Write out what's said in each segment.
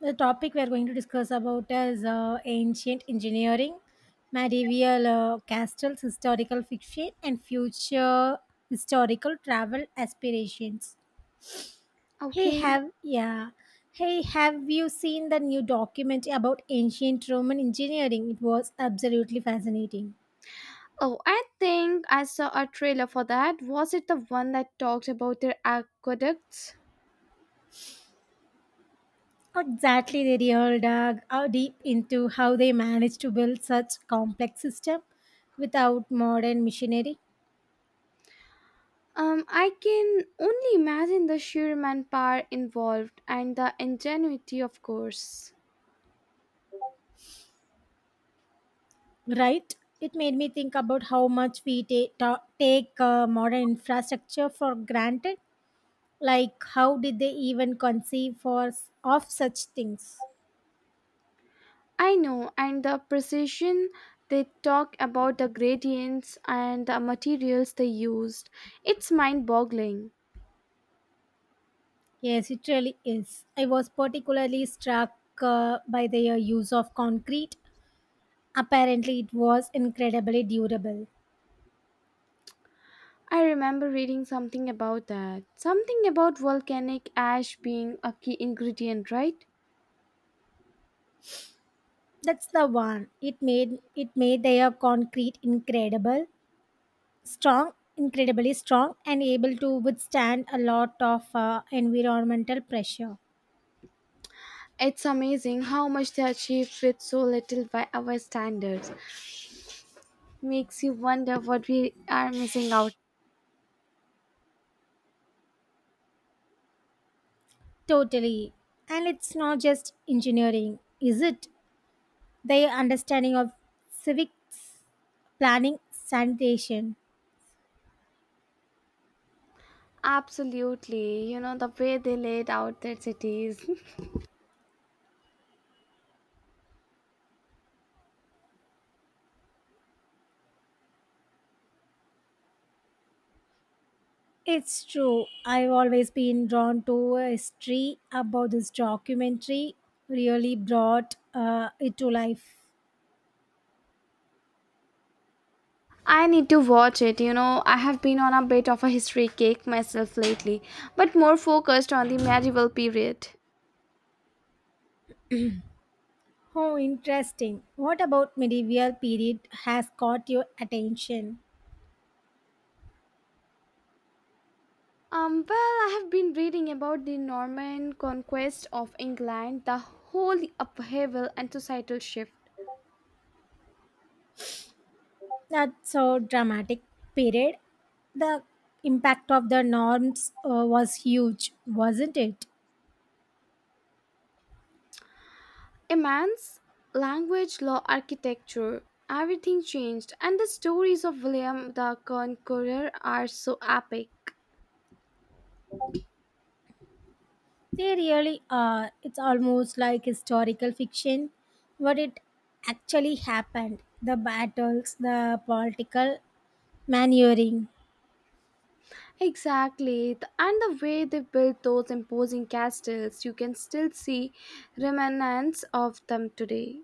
The topic we are going to discuss about is ancient engineering, medieval castles, historical fiction, and future historical travel aspirations. Hey, Okay. Have you seen the new documentary about ancient Roman engineering? It was absolutely fascinating. Oh, I think I saw a trailer for that. Was it the one that talked about their aqueducts? Exactly, they really dug deep into how they managed to build such complex system without modern machinery. I can only imagine the sheer manpower involved and the ingenuity, of course. Right? It made me think about how much we take modern infrastructure for granted. Like, how did they even conceive of such things? I know, and the precision. They talk about the gradients and the materials they used. It's mind boggling. Yes, it really is. I was particularly struck by their use of concrete. Apparently, it was incredibly durable. I remember reading something about that. Something about volcanic ash being a key ingredient, right? That's the one. It made their concrete incredibly strong, and able to withstand a lot of environmental pressure. It's amazing how much they achieve with so little by our standards. Makes you wonder what we are missing out. Totally. And it's not just engineering, is it? Their understanding of civics, planning, sanitation. Absolutely, you know, the way they laid out their cities. It's true. I've always been drawn to history about this documentary, really brought it to life. I need to watch it. I have been on a bit of a history kick myself lately, but more focused on the medieval period. Oh, interesting. What about medieval period has caught your attention? Well, I have been reading about the Norman conquest of England, the whole upheaval and societal shift. That so dramatic period. The impact of the norms was huge, wasn't it? A man's language, law, architecture, everything changed, and the stories of William the Conqueror are so epic. They really are. It's almost like historical fiction, what it actually happened. The battles, the political maneuvering. Exactly, and the way they built those imposing castles, you can still see remnants of them today.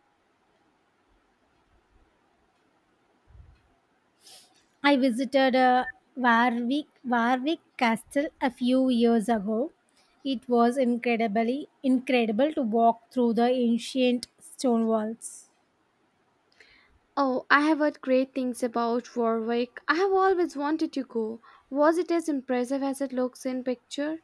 I visited Warwick Castle a few years ago. It was incredibly incredible to walk through the ancient stone walls. Oh, I have heard great things about Warwick. I have always wanted to go. Was it as impressive as it looks in picture?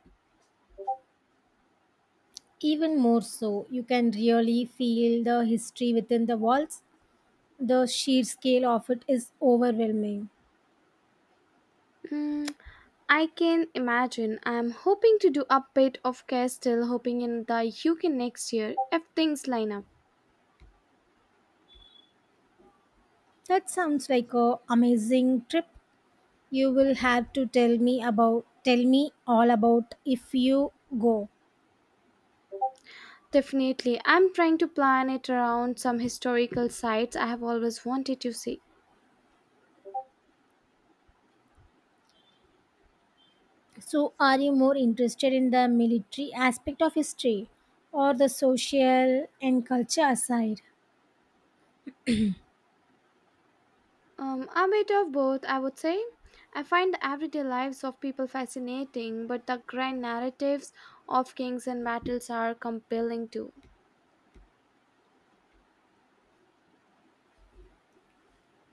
Even more so, you can really feel the history within the walls. The sheer scale of it is overwhelming. Hmm. I can imagine. I'm hoping to do a bit of Castile, hoping in the UK next year if things line up. That sounds like a amazing trip. You will have to tell me all about if you go. Definitely, I'm trying to plan it around some historical sites I have always wanted to see. So are you more interested in the military aspect of history or the social and culture side? A bit of both, I would say. I find the everyday lives of people fascinating, but the grand narratives of kings and battles are compelling too.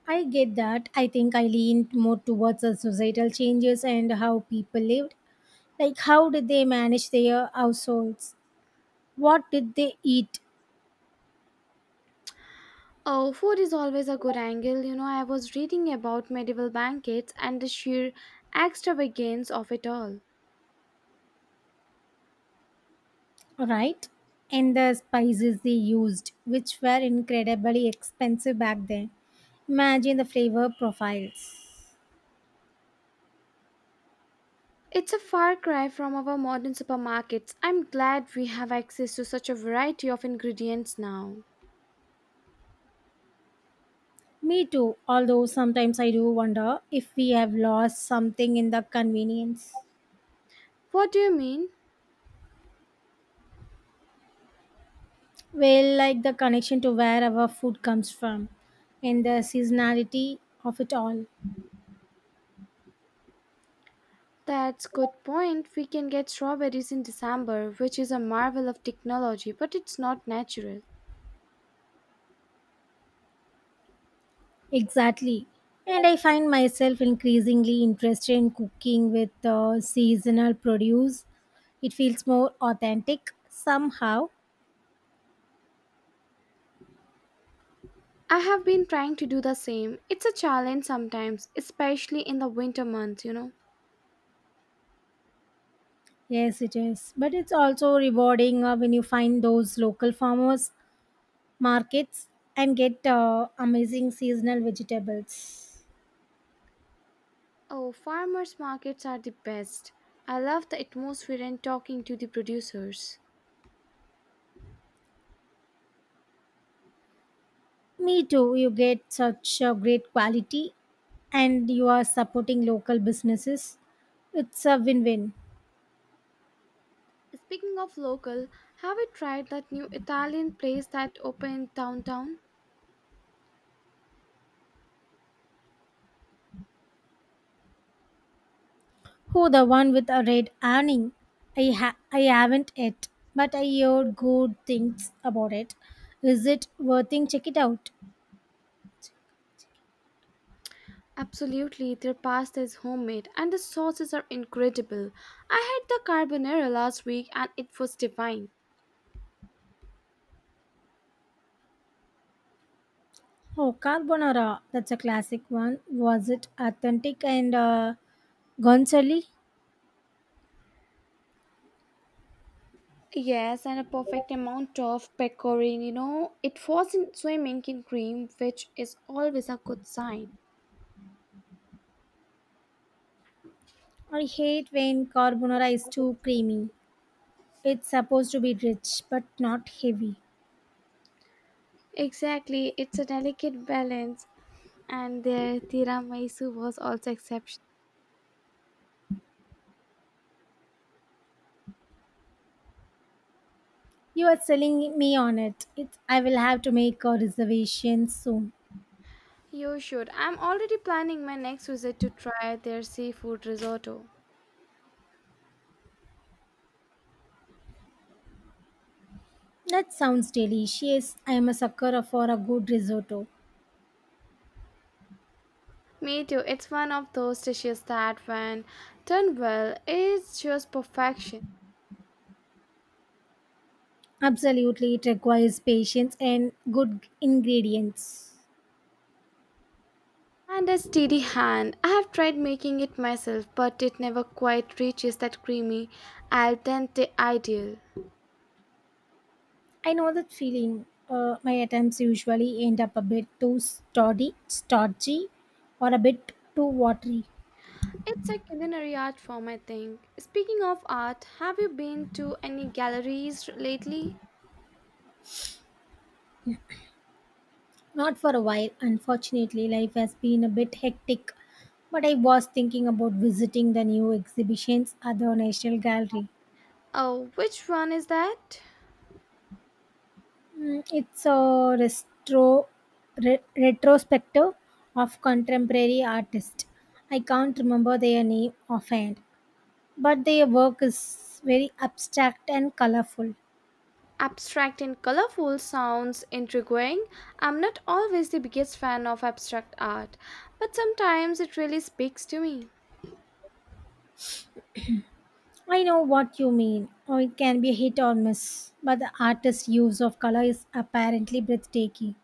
I get that. I think I leaned more towards the societal changes and how people lived. Like how did they manage their households? What did they eat? Oh, food is always a good angle. You know, I was reading about medieval banquets and the sheer extravagance of it all. Right? And the spices they used, which were incredibly expensive back then. Imagine the flavor profiles. It's a far cry from our modern supermarkets. I'm glad we have access to such a variety of ingredients now. Me too, although sometimes I do wonder if we have lost something in the convenience. What do you mean? Well, like the connection to where our food comes from and the seasonality of it all. That's good point. We can get strawberries in December, which is a marvel of technology, but it's not natural. Exactly. And I find myself increasingly interested in cooking with seasonal produce. It feels more authentic somehow. I have been trying to do the same. It's a challenge sometimes, especially in the winter months, you know. Yes, it is. But it's also rewarding when you find those local farmers markets and get amazing seasonal vegetables. Oh, farmers markets are the best. I love the atmosphere and talking to the producers. Me too. You get such great quality and you are supporting local businesses. It's a win-win. Speaking of local, have you tried that new Italian place that opened downtown? Who the one with a red awning? I haven't yet, but I heard good things about it. Is it worth it? Check it out. Absolutely, their pasta is homemade and the sauces are incredible. I had the carbonara last week and it was divine. Oh, carbonara. That's a classic one. Was it authentic and guanciale? Yes, and a perfect amount of pecorine, you know. It wasn't swimming in cream, which is always a good sign. I hate when carbonara is too creamy. It's supposed to be rich but not heavy. Exactly, it's a delicate balance, and their tiramisu was also exceptional. You are selling me on it. I will have to make a reservation soon. You should. I'm already planning my next visit to try their seafood risotto. That sounds delicious. I am a sucker for a good risotto. Me too. It's one of those dishes that, when done well, is just perfection. Absolutely, it requires patience and good ingredients. And a steady hand. I have tried making it myself, but it never quite reaches that creamy al dente ideal. I know that feeling. My attempts usually end up a bit too stodgy, or a bit too watery. It's a culinary art form, I think. Speaking of art, have you been to any galleries lately? Not for a while, unfortunately. Life has been a bit hectic, but I was thinking about visiting the new exhibitions at the National Gallery. Oh, which one is that? It's a retrospective of contemporary artists. I can't remember their name offhand, but their work is very abstract and colorful. Abstract and colorful sounds intriguing. I'm not always the biggest fan of abstract art, but sometimes it really speaks to me. I know what you mean, or it can be a hit or miss, but the artist's use of color is apparently breathtaking.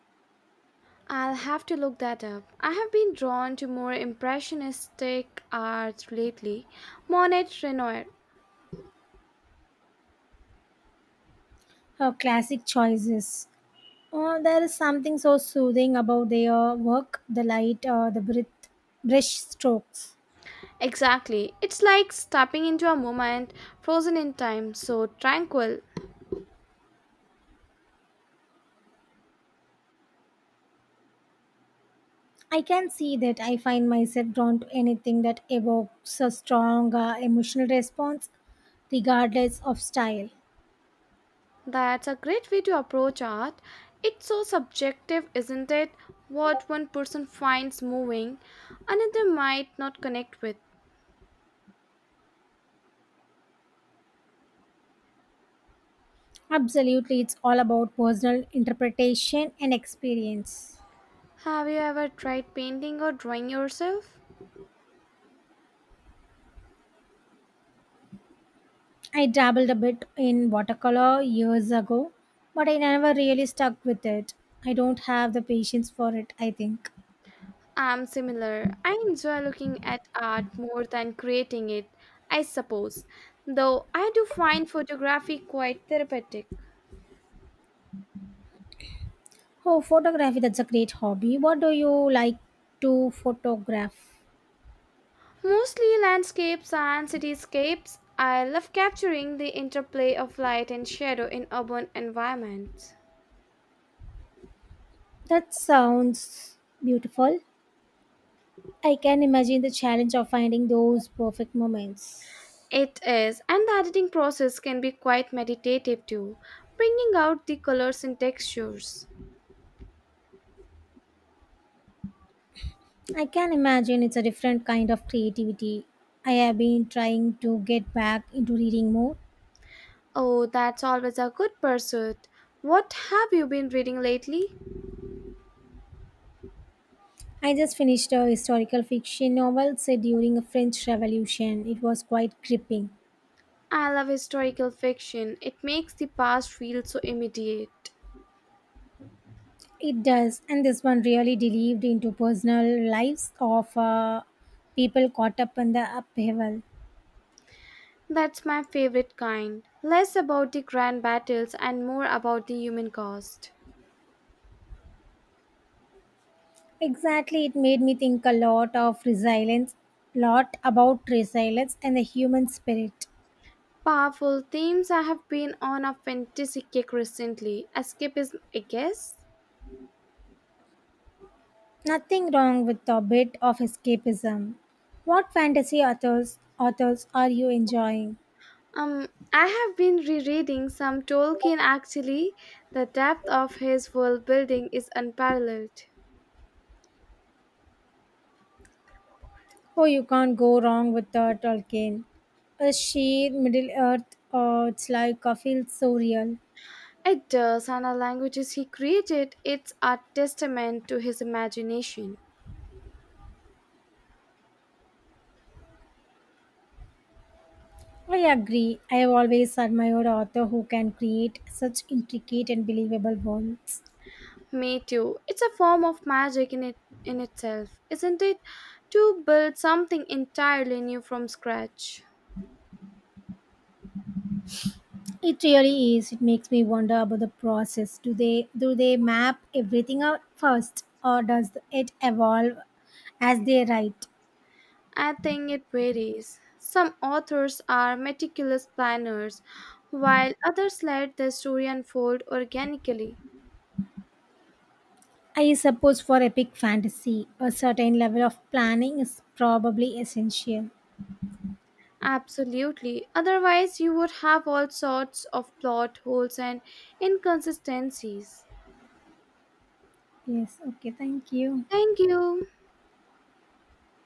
I'll have to look that up. I have been drawn to more impressionistic art lately. Monet Renoir. Her classic choices. Oh, there is something so soothing about their work, the light, the brush strokes. Exactly. It's like stepping into a moment frozen in time, so tranquil. I can see that I find myself drawn to anything that evokes a strong emotional response, regardless of style. That's a great way to approach art. It's so subjective, isn't it? What one person finds moving, another might not connect with. Absolutely, it's all about personal interpretation and experience. Have you ever tried painting or drawing yourself? I dabbled a bit in watercolor years ago, but I never really stuck with it. I don't have the patience for it, I think. I'm similar. I enjoy looking at art more than creating it, I suppose, though I do find photography quite therapeutic. Oh, photography, that's a great hobby. What do you like to photograph? Mostly landscapes and cityscapes, I love capturing the interplay of light and shadow in urban environments. That sounds beautiful. I can imagine the challenge of finding those perfect moments. It is, and the editing process can be quite meditative too, bringing out the colors and textures. I can imagine it's a different kind of creativity. I have been trying to get back into reading more. Oh, that's always a good pursuit. What have you been reading lately? I just finished a historical fiction novel set during a French Revolution. It was quite gripping. I love historical fiction. It makes the past feel so immediate. It does, and this one really delved into personal lives of people caught up in the upheaval. That's my favorite kind. Less about the grand battles and more about the human cost. Exactly, it made me think a lot of resilience, lot about resilience and the human spirit. Powerful themes I have been on a fantasy kick recently. Escapism, I guess? Nothing wrong with a bit of escapism. What fantasy authors are you enjoying? I have been rereading some Tolkien actually. The depth of his world building is unparalleled. Oh, you can't go wrong with the Tolkien. A sheer Middle Earth, it's like I feel so real. It does, and the languages he created, it's a testament to his imagination. I agree. I have always admired author who can create such intricate and believable worlds. Me too. It's a form of magic in itself, isn't it? To build something entirely new from scratch. It really is. It makes me wonder about the process. Do they map everything out first, or does it evolve as they write? I think it varies. Some authors are meticulous planners, while others let the story unfold organically. I suppose for epic fantasy, a certain level of planning is probably essential. Absolutely. Otherwise, you would have all sorts of plot holes and inconsistencies. Yes. Okay. Thank you. Thank you.